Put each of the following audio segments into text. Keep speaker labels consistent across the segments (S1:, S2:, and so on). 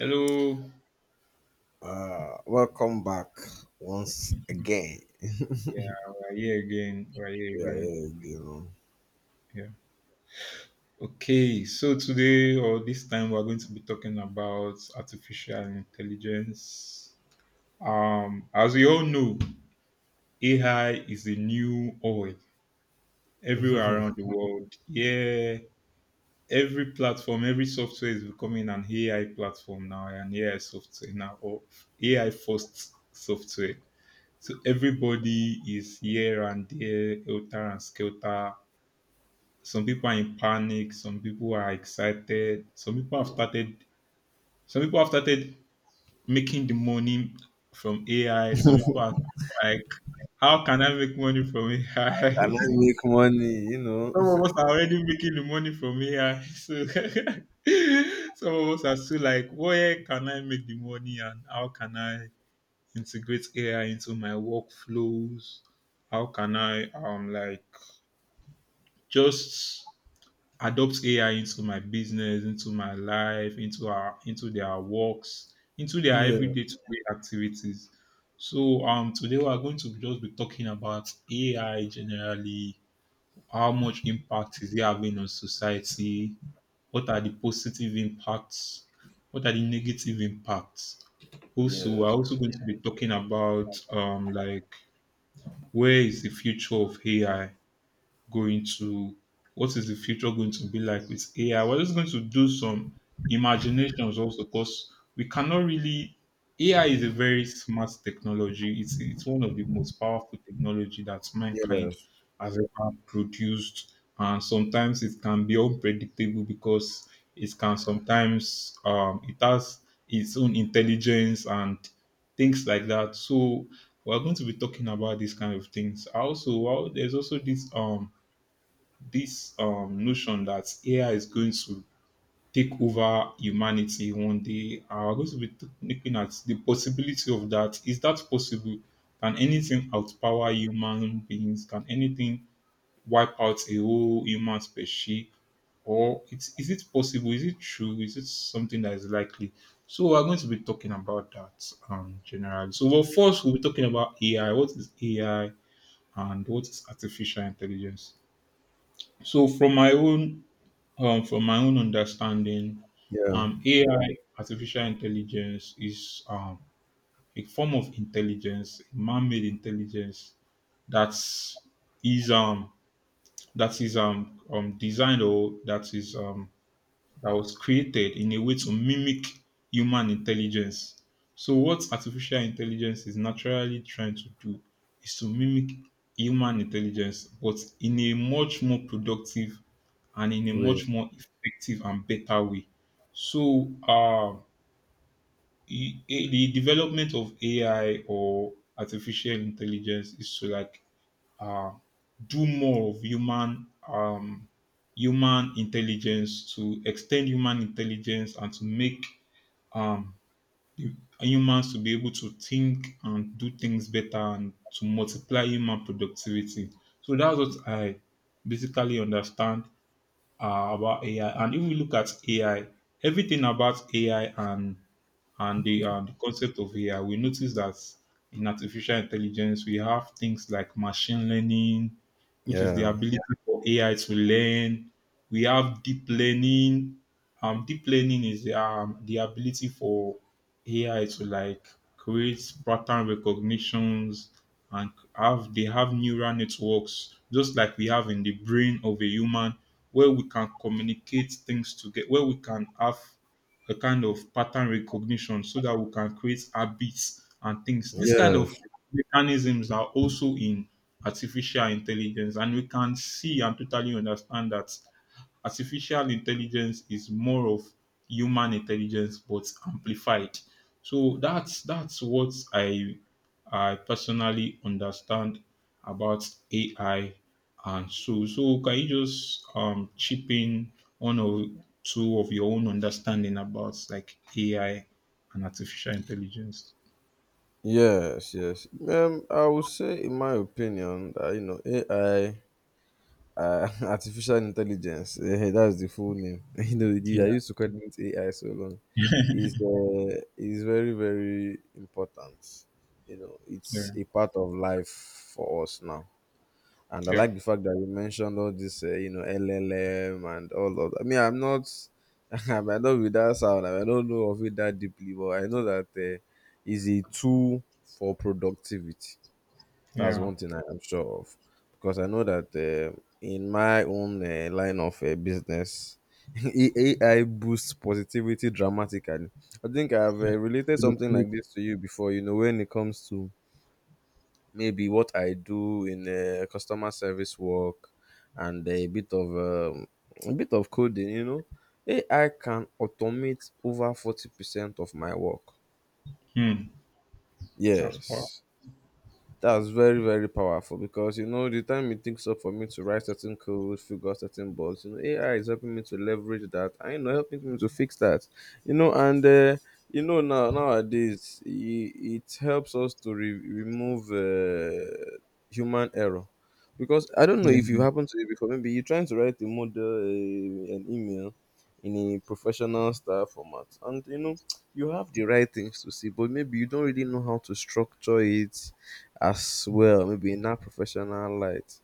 S1: Hello.
S2: Welcome back once again.
S1: Yeah, we're here again.
S2: Yeah, yeah, you know.
S1: Yeah. Okay. So today or this time we're going to be talking about artificial intelligence. As we all know, AI is the new oil everywhere around the world. Yeah. Every platform, every software is becoming an AI platform now, an AI software now, or AI first software. So everybody is here and there, helter and skelter. Some people are in panic, some people are excited, some people have started making the money from AI. Some people are like, how can I make money from
S2: And
S1: AI?
S2: I make money, you know.
S1: Some of us are already making the money from AI. So some of us are still like, where can I make the money and how can I integrate AI into my workflows? How can I just adopt AI into my business, into my life, into our into their works, into their
S2: Yeah,
S1: everyday to day activities. So today we are going to just be talking about AI generally, how much impact is it having on society, what are the positive impacts, what are the negative impacts. Also,
S2: yeah,
S1: we're also going to be talking about where is the future of AI going to, what is the future going to be like with AI. We're just going to do some imaginations also, because we cannot really— AI is a very smart technology. It's one of the most powerful technology that mankind
S2: yes,
S1: has ever produced. And sometimes it can be unpredictable because it can sometimes it has its own intelligence and things like that. So we're going to be talking about these kind of things. Also, well, there's also this notion that AI is going to take over humanity one day. We're going to be looking at the possibility of that. Is that possible? Can anything outpower human beings? Can anything wipe out a whole human species? Or it's, is it possible? Is it true? Is it something that is likely? So we're going to be talking about that, generally. So well, first we'll be talking about AI. What is AI and what is artificial intelligence? So from my own understanding,
S2: yeah.
S1: AI, artificial intelligence, is a form of intelligence, man-made intelligence that's is that is designed, or that is that was created in a way to mimic human intelligence. So what artificial intelligence is naturally trying to do is to mimic human intelligence, but in a much more productive and in a
S2: Wait,
S1: much more effective and better way. So, e- e- the development of AI or artificial intelligence is to uh, do more of human human intelligence, to extend human intelligence, and to make um, hu- humans to be able to think and do things better, and to multiply human productivity. So that's what I basically understand about AI. And if we look at AI, everything about AI, and the concept of AI, we notice that in artificial intelligence we have things like machine learning, which is the
S2: yeah,
S1: ability for AI to learn. We have deep learning. Deep learning is the ability for AI to create pattern recognitions and have neural networks just like we have in the brain of a human, where we can communicate things together, where we can have a kind of pattern recognition, so that we can create habits and things. This kind
S2: yes,
S1: of mechanisms are also in artificial intelligence, and we can see and totally understand that artificial intelligence is more of human intelligence but amplified. So that's what I personally understand about AI. And so can you just chip in one or two of your own understanding about like AI and artificial intelligence?
S2: yes, yes. I would say, in my opinion, that you know, AI, artificial intelligence, that's the full name. You know, I
S1: Yeah.
S2: used to call it AI so long.
S1: Yeah.
S2: Is very, very important. You know, it's a part of life for us now. And I
S1: Yeah.
S2: like the fact that you mentioned all this, you know, LLM and all of that. I mean, I'm not, I might not be that sound. I don't know of it that deeply, but I know that is a tool for productivity. That's
S1: Yeah.
S2: one thing I am sure of, because I know that in my own line of business, AI boosts positivity dramatically. I think I've
S1: Yeah.
S2: related something
S1: Productivity.
S2: like this to you before. You know, when it comes to maybe what I do in customer service work and a bit of coding, you know. AI can automate over 40% of my work.
S1: Hmm. That's part.
S2: Yes. That's very, very powerful because you know the time it takes up for me to write certain code, figure out certain bugs, you know, AI is helping me to leverage that. I know helping me to fix that. You know, and you know now nowadays it helps us to remove human error because I don't know if you
S1: Yeah.
S2: happen to it before. Maybe you're trying to write a model, an email in a professional style format, and you know you have the right things to see, but maybe you don't really know how to structure it as well, maybe in that professional light.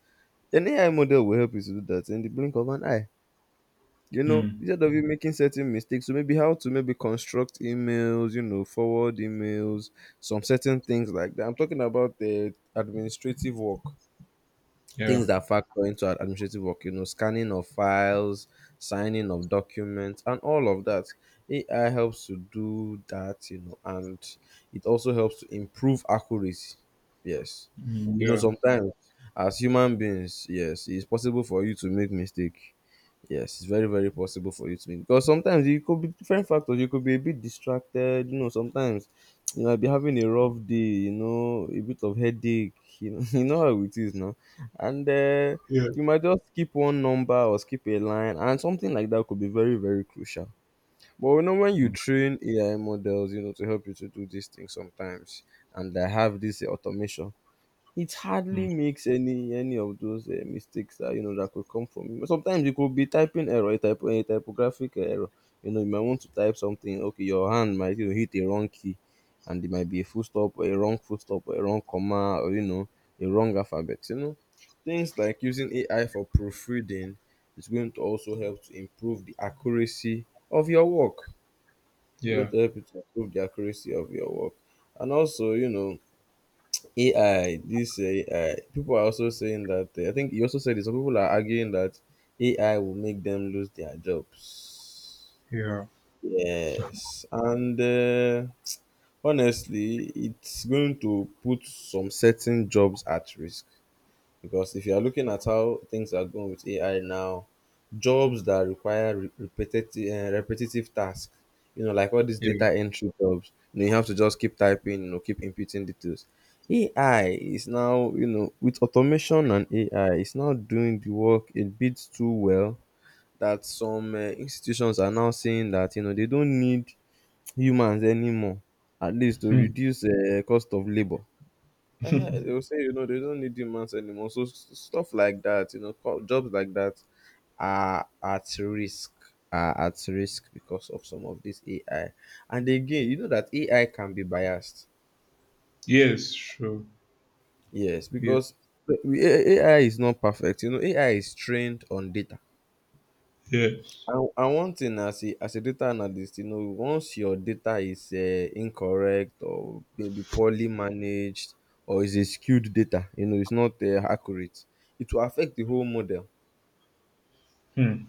S2: An AI model will help you to do that in the blink of an eye. You know,
S1: Mm.
S2: instead of you making certain mistakes, so maybe how to maybe construct emails, you know, forward emails, some certain things like that. I'm talking about the administrative work, things
S1: Yeah.
S2: that factor into administrative work, you know, scanning of files, signing of documents and all of that. AI helps to do that, you know, and it also helps to improve accuracy. Yes,
S1: Mm.
S2: you know
S1: Yeah.
S2: sometimes as human beings, yes, it's possible for you to make mistake. Yes, it's very, very possible for you to make because sometimes you could be different factors. You could be a bit distracted, you know, sometimes you might be having a rough day, you know, a bit of headache, you know, you know how it is now. And
S1: Yeah.
S2: you might just skip one number or skip a line, and something like that could be very, very crucial. But you know, when you train AI models, you know, to help you to do these things sometimes, and they have this automation, it hardly
S1: Mm.
S2: makes any of those mistakes that you know that could come from you. Sometimes it could be typing error, a typographic error. You know, you might want to type something. Okay, your hand might you know, hit a wrong key, and it might be a full stop, or a wrong full stop, or a wrong comma, or you know, a wrong alphabet. You know, things like using AI for proofreading is going to also help to improve the accuracy of your work. It's going
S1: Yeah.
S2: to help you to improve the accuracy of your work, and also you know AI, this AI, people are also saying that I think you also said it. Some people are arguing that AI will make them lose their jobs.
S1: Yeah.
S2: Yes, and honestly, it's going to put some certain jobs at risk. Because if you are looking at how things are going with AI now, jobs that require repetitive tasks, you know, like all these
S1: Yeah.
S2: data entry jobs, you know, you have to just keep typing, you know, keep inputting details. AI is now, you know, with automation and AI, it's now doing the work a bit too well that some institutions are now saying that you know they don't need humans anymore, at least to
S1: Hmm.
S2: reduce cost of labor. Eh, they will say, you know, they don't need humans anymore. So stuff like that, you know, jobs like that are at risk, are at risk because of some of this AI. And again, you know that AI can be biased.
S1: Yes. Sure.
S2: Yes,
S1: Yes.
S2: because the- we- AI is not perfect. You know, AI is trained on data.
S1: Yes.
S2: And one thing as a data analyst, you know, once your data is incorrect or maybe poorly managed or is a skewed data, you know, it's not accurate, it will affect the whole model.
S1: Hmm.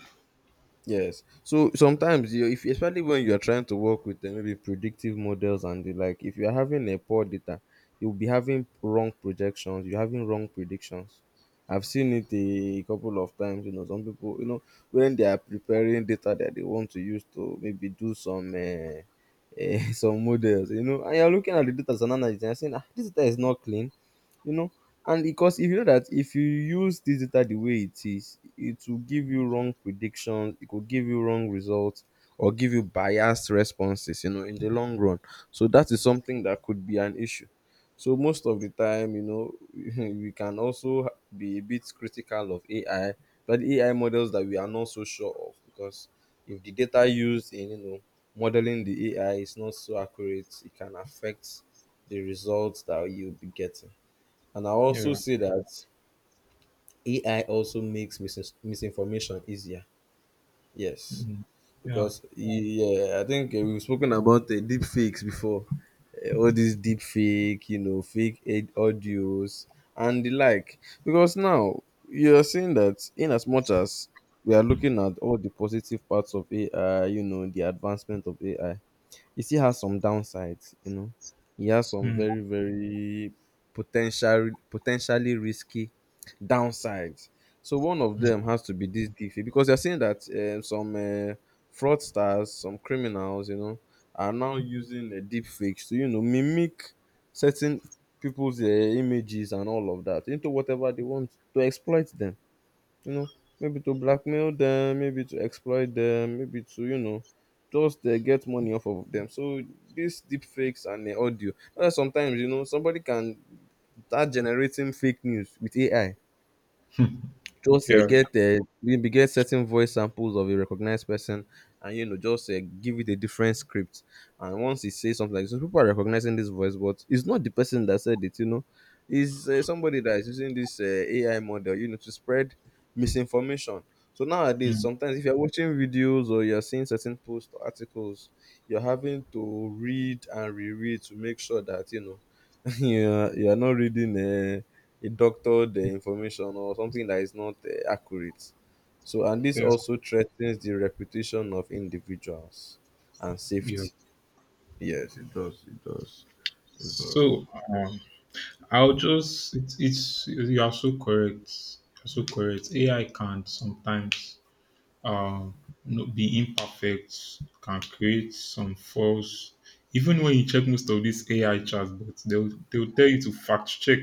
S2: Yes. So sometimes you, if especially when you are trying to work with maybe predictive models and the like, if you're having a poor data, you'll be having wrong projections, you're having wrong predictions. I've seen it a couple of times, you know, some people, you know, when they are preparing data that they want to use to maybe do some some models, you know, and you're looking at the data as an analyst and you're saying, ah, this data is not clean, you know, and because if you know that if you use this data the way it is it will give you wrong predictions, it could give you wrong results or give you biased responses, you know, in the long run. So that is something that could be an issue. So most of the time, you know, we can also be a bit critical of AI, but AI models that we are not so sure of because if the data used in, you know, modeling the AI is not so accurate it can affect the results that you'll be getting. And I also
S1: Yeah.
S2: say that AI also makes misinformation easier. Yes,
S1: Mm. Yeah.
S2: because yeah, I think we've spoken about deep fakes before. All these deep fake, you know, fake aid audios and the like. Because now you're saying that in as much as we are looking at all the positive parts of AI, you know, the advancement of AI, he still has some downsides, you know. He has some
S1: Mm.
S2: very, very potentially risky downsides. So one of
S1: Mm.
S2: them has to be this DeFi because they're saying that some fraudsters, some criminals, you know, are now using deep fakes to, you know, mimic certain people's images and all of that into whatever they want to exploit them. You know, maybe to blackmail them, maybe to exploit them, maybe to, you know, just get money off of them. So these deep fakes and audio sometimes, you know, somebody can start generating fake news with AI, just
S1: Yeah.
S2: get maybe get certain voice samples of a recognized person and you know just give it a different script, and once he says something like this people are recognizing this voice but it's not the person that said it, you know. It's somebody that is using this AI model, you know, to spread misinformation. So nowadays
S1: Mm.
S2: sometimes if you're watching videos or you're seeing certain posts or articles, you're having to read and reread to make sure that you know you are not reading a doctored information or something that is not accurate. So, and this
S1: Yeah.
S2: also threatens the reputation of individuals and
S1: Yeah.
S2: safety. Yes, it does. It does. It does.
S1: So, um, I'll just— it's you are so correct. You're so correct. AI can sometimes um no, be imperfect, can create some false. Even when you check most of these AI chatbots, they'll tell you to fact check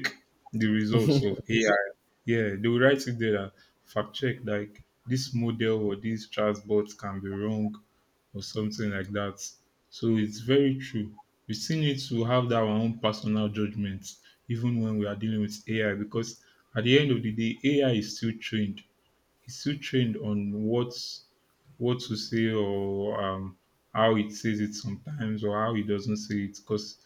S1: the results of AI. Yeah, they will write it there that fact check, like this model or this chatbot can be wrong or something like that. So it's very true. We still need to have that our own personal judgment even when we are dealing with AI, because at the end of the day, AI is still trained, he's still trained on what— what to say, or how it says it sometimes, or how it doesn't say it. Because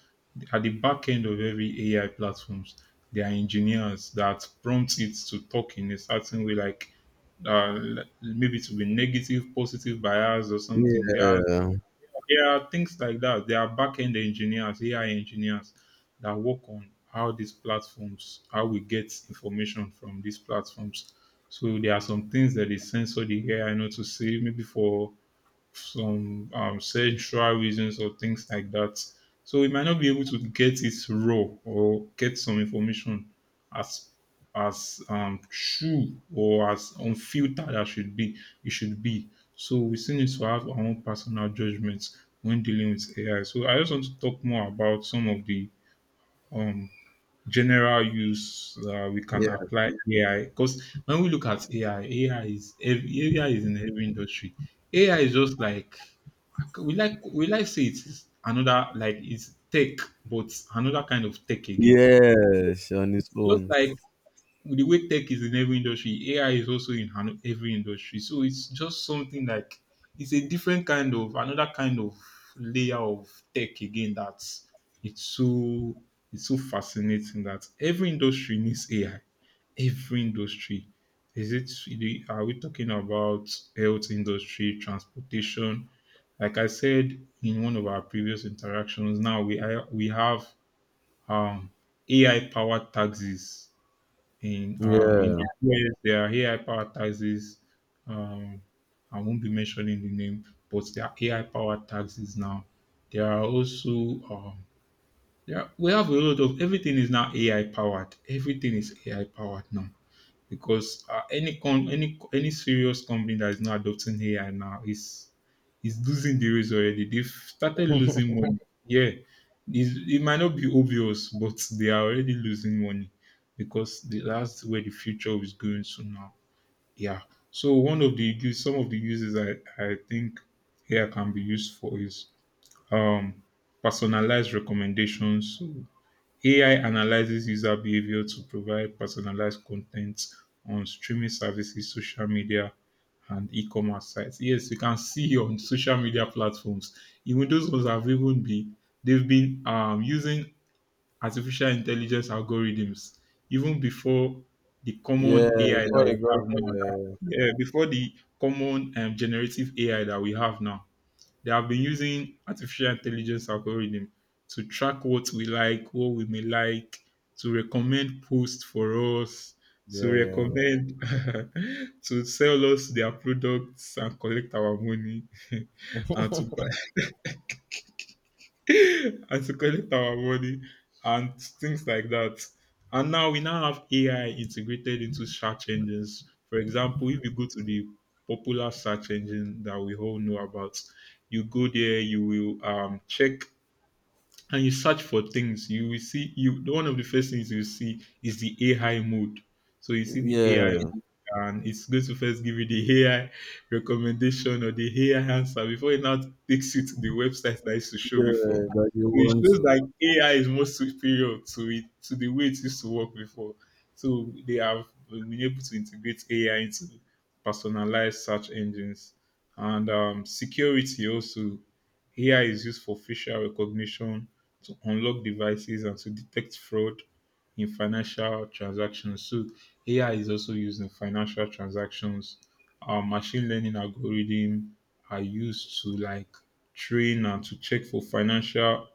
S1: at the back end of every AI platforms, there are engineers that prompt it to talk in a certain way, like, uh, maybe to be negative, positive bias, or something. There are
S2: Yeah,
S1: there are things like that. There are back-end engineers, AI engineers, that work on how these platforms, how we get information from these platforms. So there are some things that they censor the AI not to say, maybe for some sexual reasons or things like that. So we might not be able to get it raw, or get some information as true or as unfiltered as should be. It should be. So we still need to have our own personal judgments when dealing with AI. So I just want to talk more about some of the um, general use we can
S2: yeah,
S1: apply AI, because when we look at AI, AI is in every industry. AI is just like we like we like say it's another, like it's tech, but another kind of tech again.
S2: yes, on its
S1: Just
S2: own.
S1: like the way tech is in every industry, AI is also in every industry. So it's just something like it's a different kind of, another kind of layer of tech again. That's It's so— it's so fascinating that every industry needs AI. Every industry. Is it are we talking about health industry, transportation? Like I said in one of our previous interactions, now we have um AI powered taxis in
S2: Yeah,
S1: the US. There are AI powered taxis. Um, I won't be mentioning the name, but there are AI powered taxis now. There are also um, yeah, we have a lot of— everything is now AI powered. Everything is AI powered now, because any serious company that is not adopting AI now is losing the race already. They've started losing money. Yeah, it's, it might not be obvious, but they are already losing money, because that's where the future is going to now. Yeah. So one of the some of the uses I think AI can be used for is um personalized recommendations. So AI analyzes user behavior to provide personalized content on streaming services, social media, and e-commerce sites. Yes, you can see on social media platforms, even those ones have even been— they've been using artificial intelligence algorithms even before the
S2: yeah.
S1: common AI that
S2: Before
S1: we
S2: it got,
S1: have now. Yeah, before the common generative AI that we have now. They have been using artificial intelligence algorithm to track what we like, what we may like, to recommend posts for us, to
S2: yeah,
S1: recommend to sell us their products and collect our money and to buy and to collect our money and things like that. And now we now have AI integrated into search engines. For example, if you go to the popular search engine that we all know about, you go there, you will check and you search for things. You will see— you one of the first things you see is the AI mode. So you see the AI,
S2: yeah,
S1: and it's going to first give you the AI recommendation or the AI answer before it now takes you to the website that used to show
S2: yeah.
S1: before.
S2: That you
S1: So it
S2: want
S1: shows
S2: to.
S1: like AI is more superior to it, to the way it used to work before. So they have been able to integrate AI into personalized search engines, and security also. AI is used for facial recognition to unlock devices and to detect fraud in financial transactions. So AI is also used in financial transactions. Machine learning algorithm are used to train and to check for financial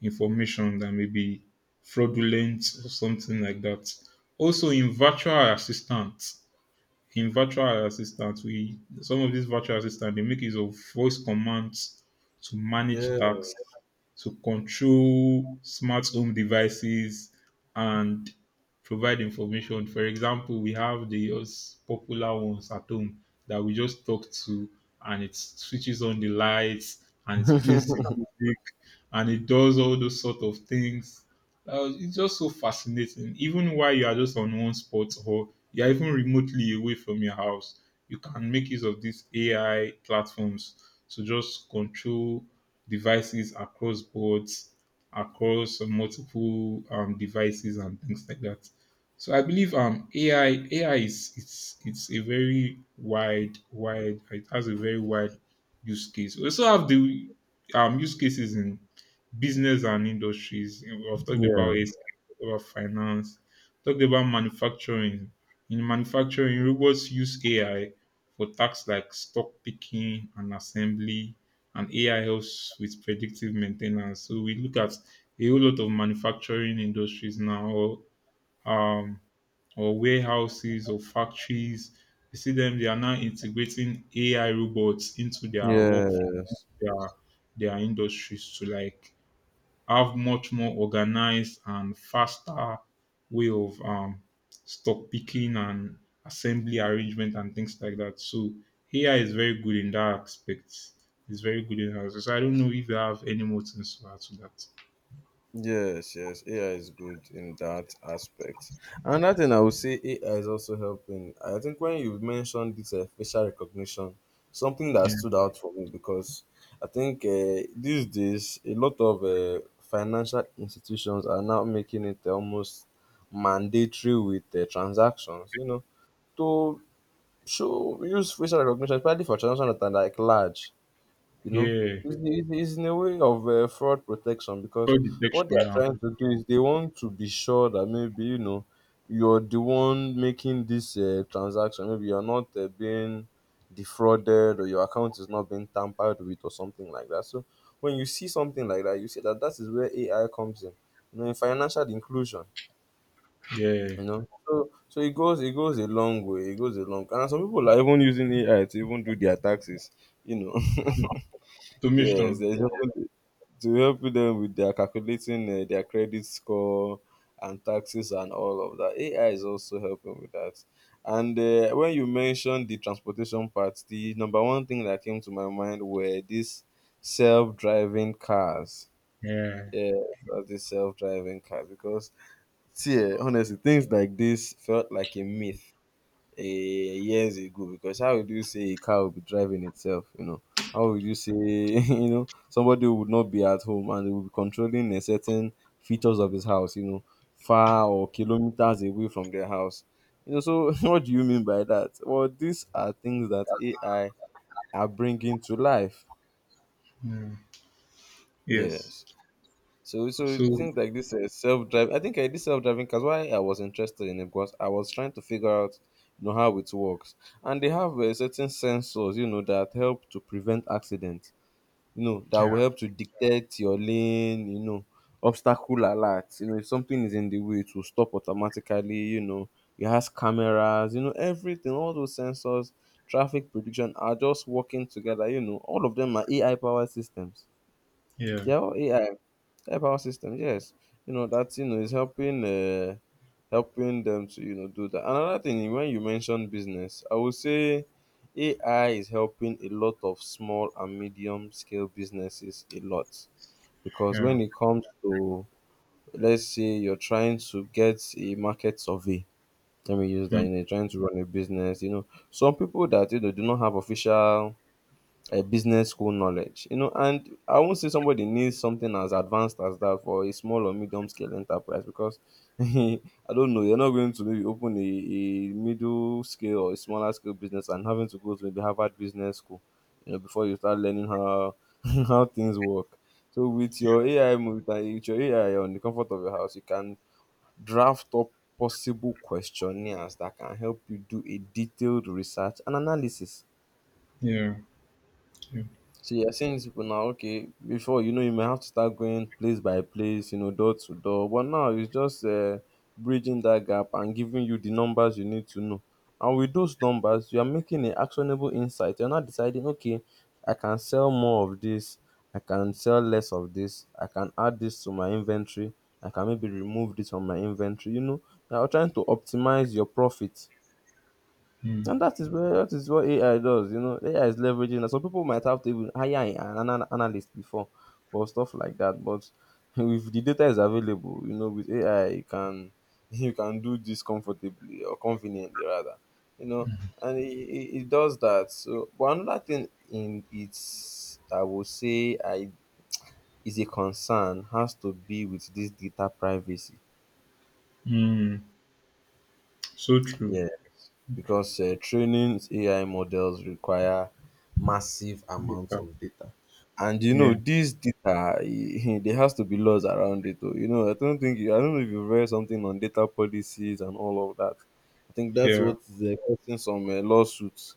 S1: information that may be fraudulent or something like that. Also, in virtual assistants, we— some of these virtual assistants they make use of voice commands to
S2: Yeah,
S1: manage tasks, to control smart home devices, and provide information. For example, we have the popular ones at home that we just talk to, and it switches on the lights, and it plays the music, and it does all those sort of things. It's just so fascinating. Even while you are just on one spot or you are even remotely away from your house, you can make use of these AI platforms to just control devices across boards, across multiple devices and things like that. So I believe AI is it's a very wide it has a very wide use case. We also have the use cases in business and industries. We've talked
S2: yeah,
S1: about it, about finance, talked about manufacturing. In manufacturing, robots use AI for tasks like stock picking and assembly, and AI helps with predictive maintenance. So we look at a whole lot of manufacturing industries now, um, or warehouses or factories. You see them; they are now integrating AI robots into their work,
S2: yes.
S1: their their industries to like have much more organized and faster way of stock picking and assembly arrangement and things like that. So AI is very good in that aspect. It's very good in that. So I don't know if you have any more things to add to that.
S2: Yes, yes, AI is good in that aspect. Another thing I would say AI is also helping. I think when you mentioned this facial recognition, something that
S1: Yeah.
S2: stood out for me because I think these days a lot of financial institutions are now making it almost mandatory with transactions, you know, to show use facial recognition, especially for transactions that are like large, you know.
S1: Yeah.
S2: It's in a way of fraud protection because
S1: Fraud detection.
S2: what they are
S1: Yeah.
S2: trying to do is they want to be sure that maybe you know you're the one making this transaction, maybe you're not being defrauded or your account is not being tampered with or something like that. So when you see something like that you see that that is where AI comes in, you know, in financial inclusion,
S1: Yeah.
S2: you know. So so it goes, it goes a long way, it goes a long, and some people are even using AI to even do their taxes, you know. Yes,
S1: Automation.
S2: there's helping to help them with their calculating their credit score and taxes and all of that. AI is also helping with that. And when you mentioned the transportation part, the number one thing that came to my mind were these self-driving cars.
S1: Yeah,
S2: Yes, the self-driving cars because see, honestly, things like this felt like a myth eh, years ago. Because how would you say a car would be driving itself, you know? How would you say, you know, somebody would not be at home and they would be controlling a certain features of his house, you know, far or kilometers away from their house, you know? So what do you mean by that? Well, these are things that AI are bringing to life.
S1: yeah. Yes.
S2: Yes. So
S1: So
S2: things like this, self drive. I think I did self driving cars. Why I was interested in it because I was trying to figure out you know how it works, and they have certain sensors, you know, that help to prevent accidents. You know that
S1: yeah.
S2: will help to detect your lane. You know, obstacle alert. You know, if something is in the way, it will stop automatically. You know it has cameras. You know everything. All those sensors, traffic prediction are just working together. You know all of them are AI powered systems.
S1: Yeah.
S2: They are all AI. Yeah, power system, yes. You know, that you know is helping helping them to, you know, do that. Another thing, when you mention business, I would say AI is helping a lot of small and medium scale businesses a lot. Because
S1: Yeah.
S2: when it comes to, let's say, you're trying to get a market survey, let me use that,
S1: Hmm.
S2: you know, you're trying to run a business, you know, some people that you know do not have official business school knowledge, you know. And I won't say somebody needs something as advanced as that for a small or medium scale enterprise because I don't know. You're not going to maybe open a middle scale or a smaller scale business and having to go to maybe Harvard Business School, you know, before you start learning how how things work. So with your AI on the comfort of your house, you can draft up possible questionnaires that can help you do a detailed research and analysis.
S1: Yeah, yeah.
S2: So you're saying to people now, okay, before you know, you may have to start going place by place, you know, door to door. But now it's just bridging that gap and giving you the numbers you need to know. And with those numbers, you are making an actionable insight. You're not deciding, okay, I can sell more of this, I can sell less of this, I can add this to my inventory, I can maybe remove this from my inventory. You know, you're trying to optimize your profit,
S1: Hmm.
S2: and that is what AI does. You know, AI is leveraging that. Some people might have to even hire an analyst before for stuff like that. But if the data is available, you know, with AI, you can you can do this comfortably or conveniently rather. You know, and it does that. So, but another thing in its, I would say, I is a concern, has to be with this data privacy.
S1: Hmm. So true.
S2: Yes, because training AI models require massive amounts
S1: Yeah.
S2: of data. And you know,
S1: Yeah.
S2: this data, eh, there has to be laws around it. Though. You know, I don't think, you, I don't know if you read something on data policies and all of that. I think that's
S1: Yeah.
S2: what is causing some lawsuits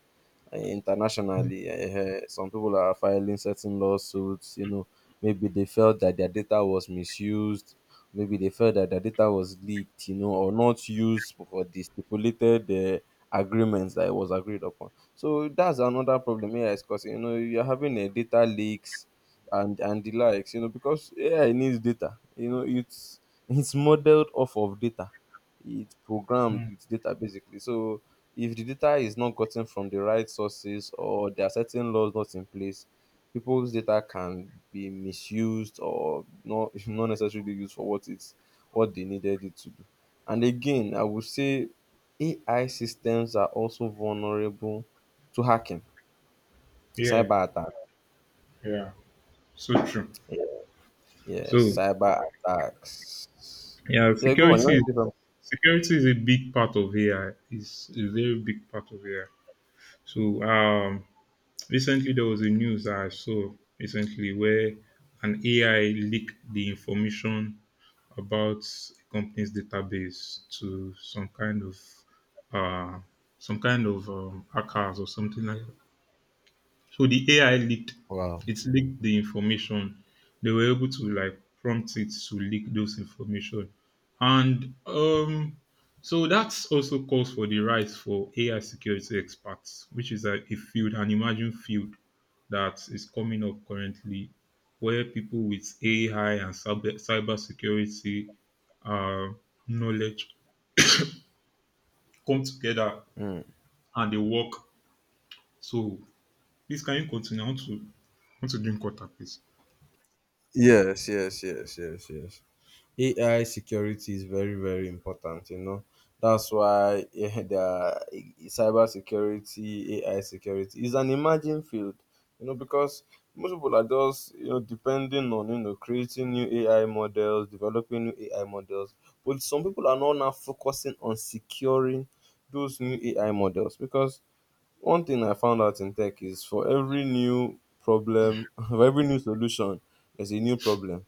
S2: internationally. Some people are filing certain lawsuits. You know, maybe they felt that their data was misused. Maybe they felt that their data was leaked. You know, or not used for the stipulated agreements that it was agreed upon. So that's another problem here, is because you know you're having a data leaks and the likes. You know, because AI needs data. You know, it's modeled off of data, it's programmed
S1: Hmm.
S2: with data basically. So if the data is not gotten from the right sources or there are certain laws not in place, people's data can be misused or not not necessarily used for what it's what they needed it to do. And again, I would say AI systems are also vulnerable to hacking,
S1: Yeah,
S2: cyber attack.
S1: yeah, so true.
S2: Yeah, yeah,
S1: So
S2: cyber attacks.
S1: yeah,
S2: Yeah, go on. You want to say something?
S1: security is a big part of AI. It's a very big part of AI. So recently there was a news I saw recently where an AI leaked the information about a company's database to uh, some kind of hackers or something like. So the AI leaked,
S2: Wow.
S1: it leaked the information. They were able to like prompt it to leak those information. And so that's also calls for the rise for AI security experts, which is a field, an emerging field that is coming up currently, where people with AI and cybersecurity uh, knowledge come together
S2: Mm.
S1: and they work. So please can you continue? I want to drink water, please.
S2: Yes, yes, yes, yes, yes. AI security is very, very important, you know. That's why yeah, there cyber security, AI security is an emerging field, you know, because most people are just, you know, depending on, you know, creating new AI models, developing new AI models. But some people are not now focusing on securing those new AI models because one thing I found out in tech is for every new problem, for every new solution, there's a new problem.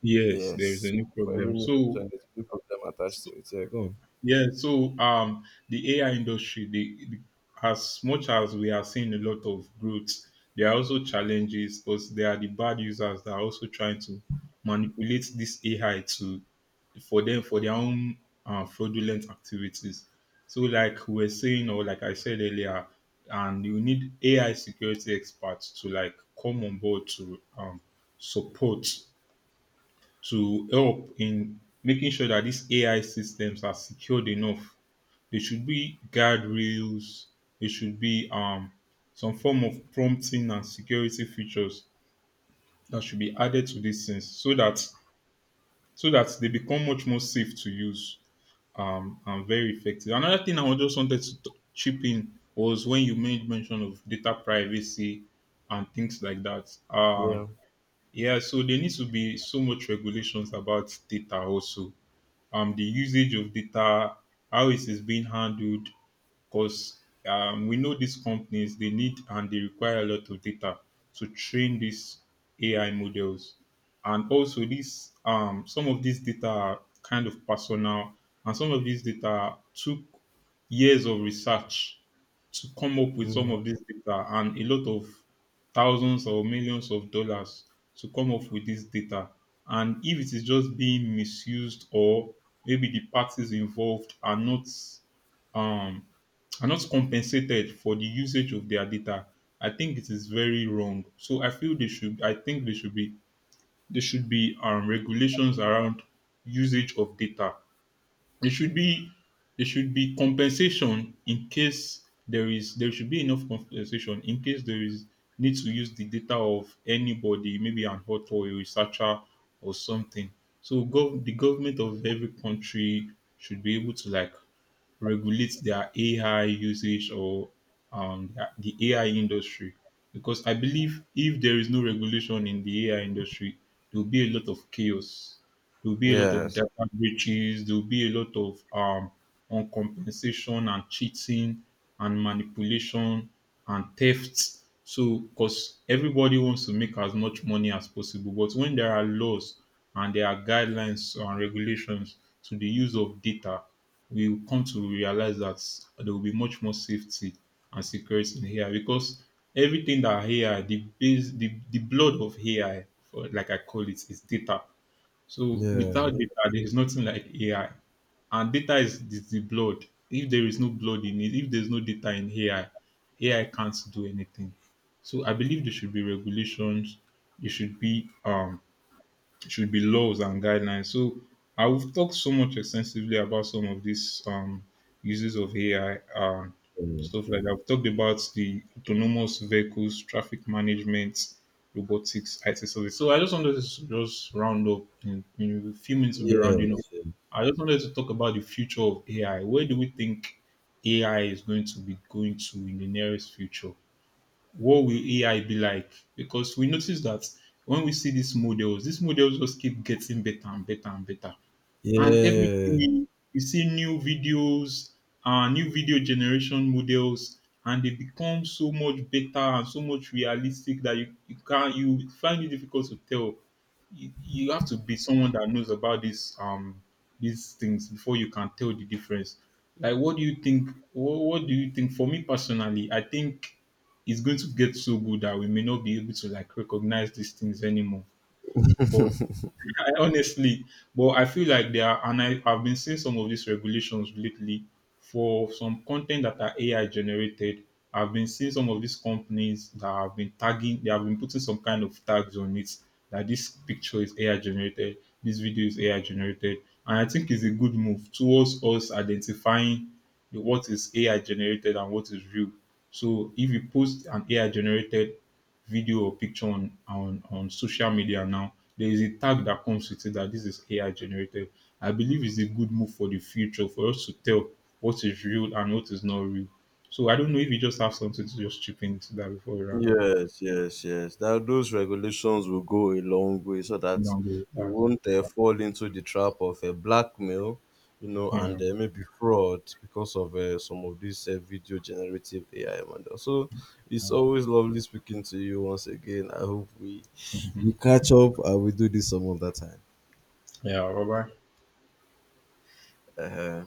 S1: Yes, there is a
S2: Yes.
S1: new
S2: For every
S1: problem.
S2: new
S1: So
S2: solution, there's a new problem attached to it. Yeah, go on.
S1: yeah, so the AI industry, as much as we are seeing a lot of growth, there are also challenges because there are the bad users that are also trying to manipulate this AI to for their own fraudulent activities. So like we are saying, or like I said earlier, and you need AI security experts to like come on board to support to help in making sure that these AI systems are secured enough. There should be guardrails. There should be some form of prompting and security features that should be added to these things so that they become much more safe to use and very effective. Another thing I just wanted to chip in was when you made mention of data privacy and things like that.
S2: Yeah.
S1: Yeah, so there needs to be so much regulations about data also the usage of data, how it is being handled, because we know these companies they need and they require a lot of data to train these AI models, and also these some of these data are kind of personal, and some of these data took years of research to come up with some
S2: Mm.
S1: of this data and a lot of thousands or millions of dollars to come up with this data. And if it is just being misused or maybe the parties involved um, are not compensated for the usage of their data, I think it is very wrong. So I feel they should. I think they should be. There should be regulations around usage of data. It should be there should be enough compensation in case there is need to use the data of anybody, maybe an author, or a researcher, or something. So the government of every country should be able to like regulate their AI usage or the AI industry because I believe if there is no regulation in the AI industry, there will be a lot of chaos. There'll be a lot of
S2: Yes.
S1: data breaches. There'll be a lot of uncompensation and cheating and manipulation and theft. So, because everybody wants to make as much money as possible, but when there are laws and there are guidelines and regulations to the use of data, we will come to realize that there will be much more safety and security in AI because everything that AI, the blood of AI, for, like I call it, is data. So
S2: Yeah.
S1: without data, there is nothing like AI. And data is the blood. If there is no blood in it, if there's no data in AI, AI can't do anything. So I believe there should be regulations. There should be laws and guidelines. So I have talked so much extensively about some of these uses of AI,
S2: Mm.
S1: stuff like that. I've talked about the autonomous vehicles, traffic management, robotics, IT service. So I just wanted to just round up in a few minutes. We'll be rounding up.
S2: Yes.
S1: I just wanted to talk about the future of AI. Where do we think AI is going to be going to in the nearest future? What will AI be like? Because we notice that when we see these models just keep getting better and better and better. And every
S2: Yeah.
S1: day you see new videos, new video generation models, and they become so much better and so much realistic that you can't, you find it difficult to tell. You have to be someone that knows about this these things before you can tell the difference. Like what do you think for me personally? I think it's going to get so good that we may not be able to like recognize these things anymore but I, honestly, but I feel like there are, and I've been seeing some of these regulations lately for some content that are AI generated. I've been seeing some of these companies that have been tagging, they have been putting some kind of tags on it that this picture is AI generated, this video is AI generated. And I think it's a good move towards us identifying what is AI generated and what is real. So if you post an AI generated video or picture on, on social media now, there is a tag that comes with it that this is AI generated. I believe it's a good move for the future for us to tell what is real and what is not real. So I don't know if you just have something to just chip into that before we round up.
S2: Yes. Yes. Yes. That those regulations will go a long way so
S1: You
S2: that
S1: know,
S2: you
S1: uh,
S2: won't fall into the trap of a blackmail, you know, and
S1: you
S2: maybe fraud because of some of these video generative AI models. So it's
S1: know,
S2: always lovely speaking to you once again. I hope we catch up and we do this some other time.
S1: yeah, bye bye.
S2: Uh,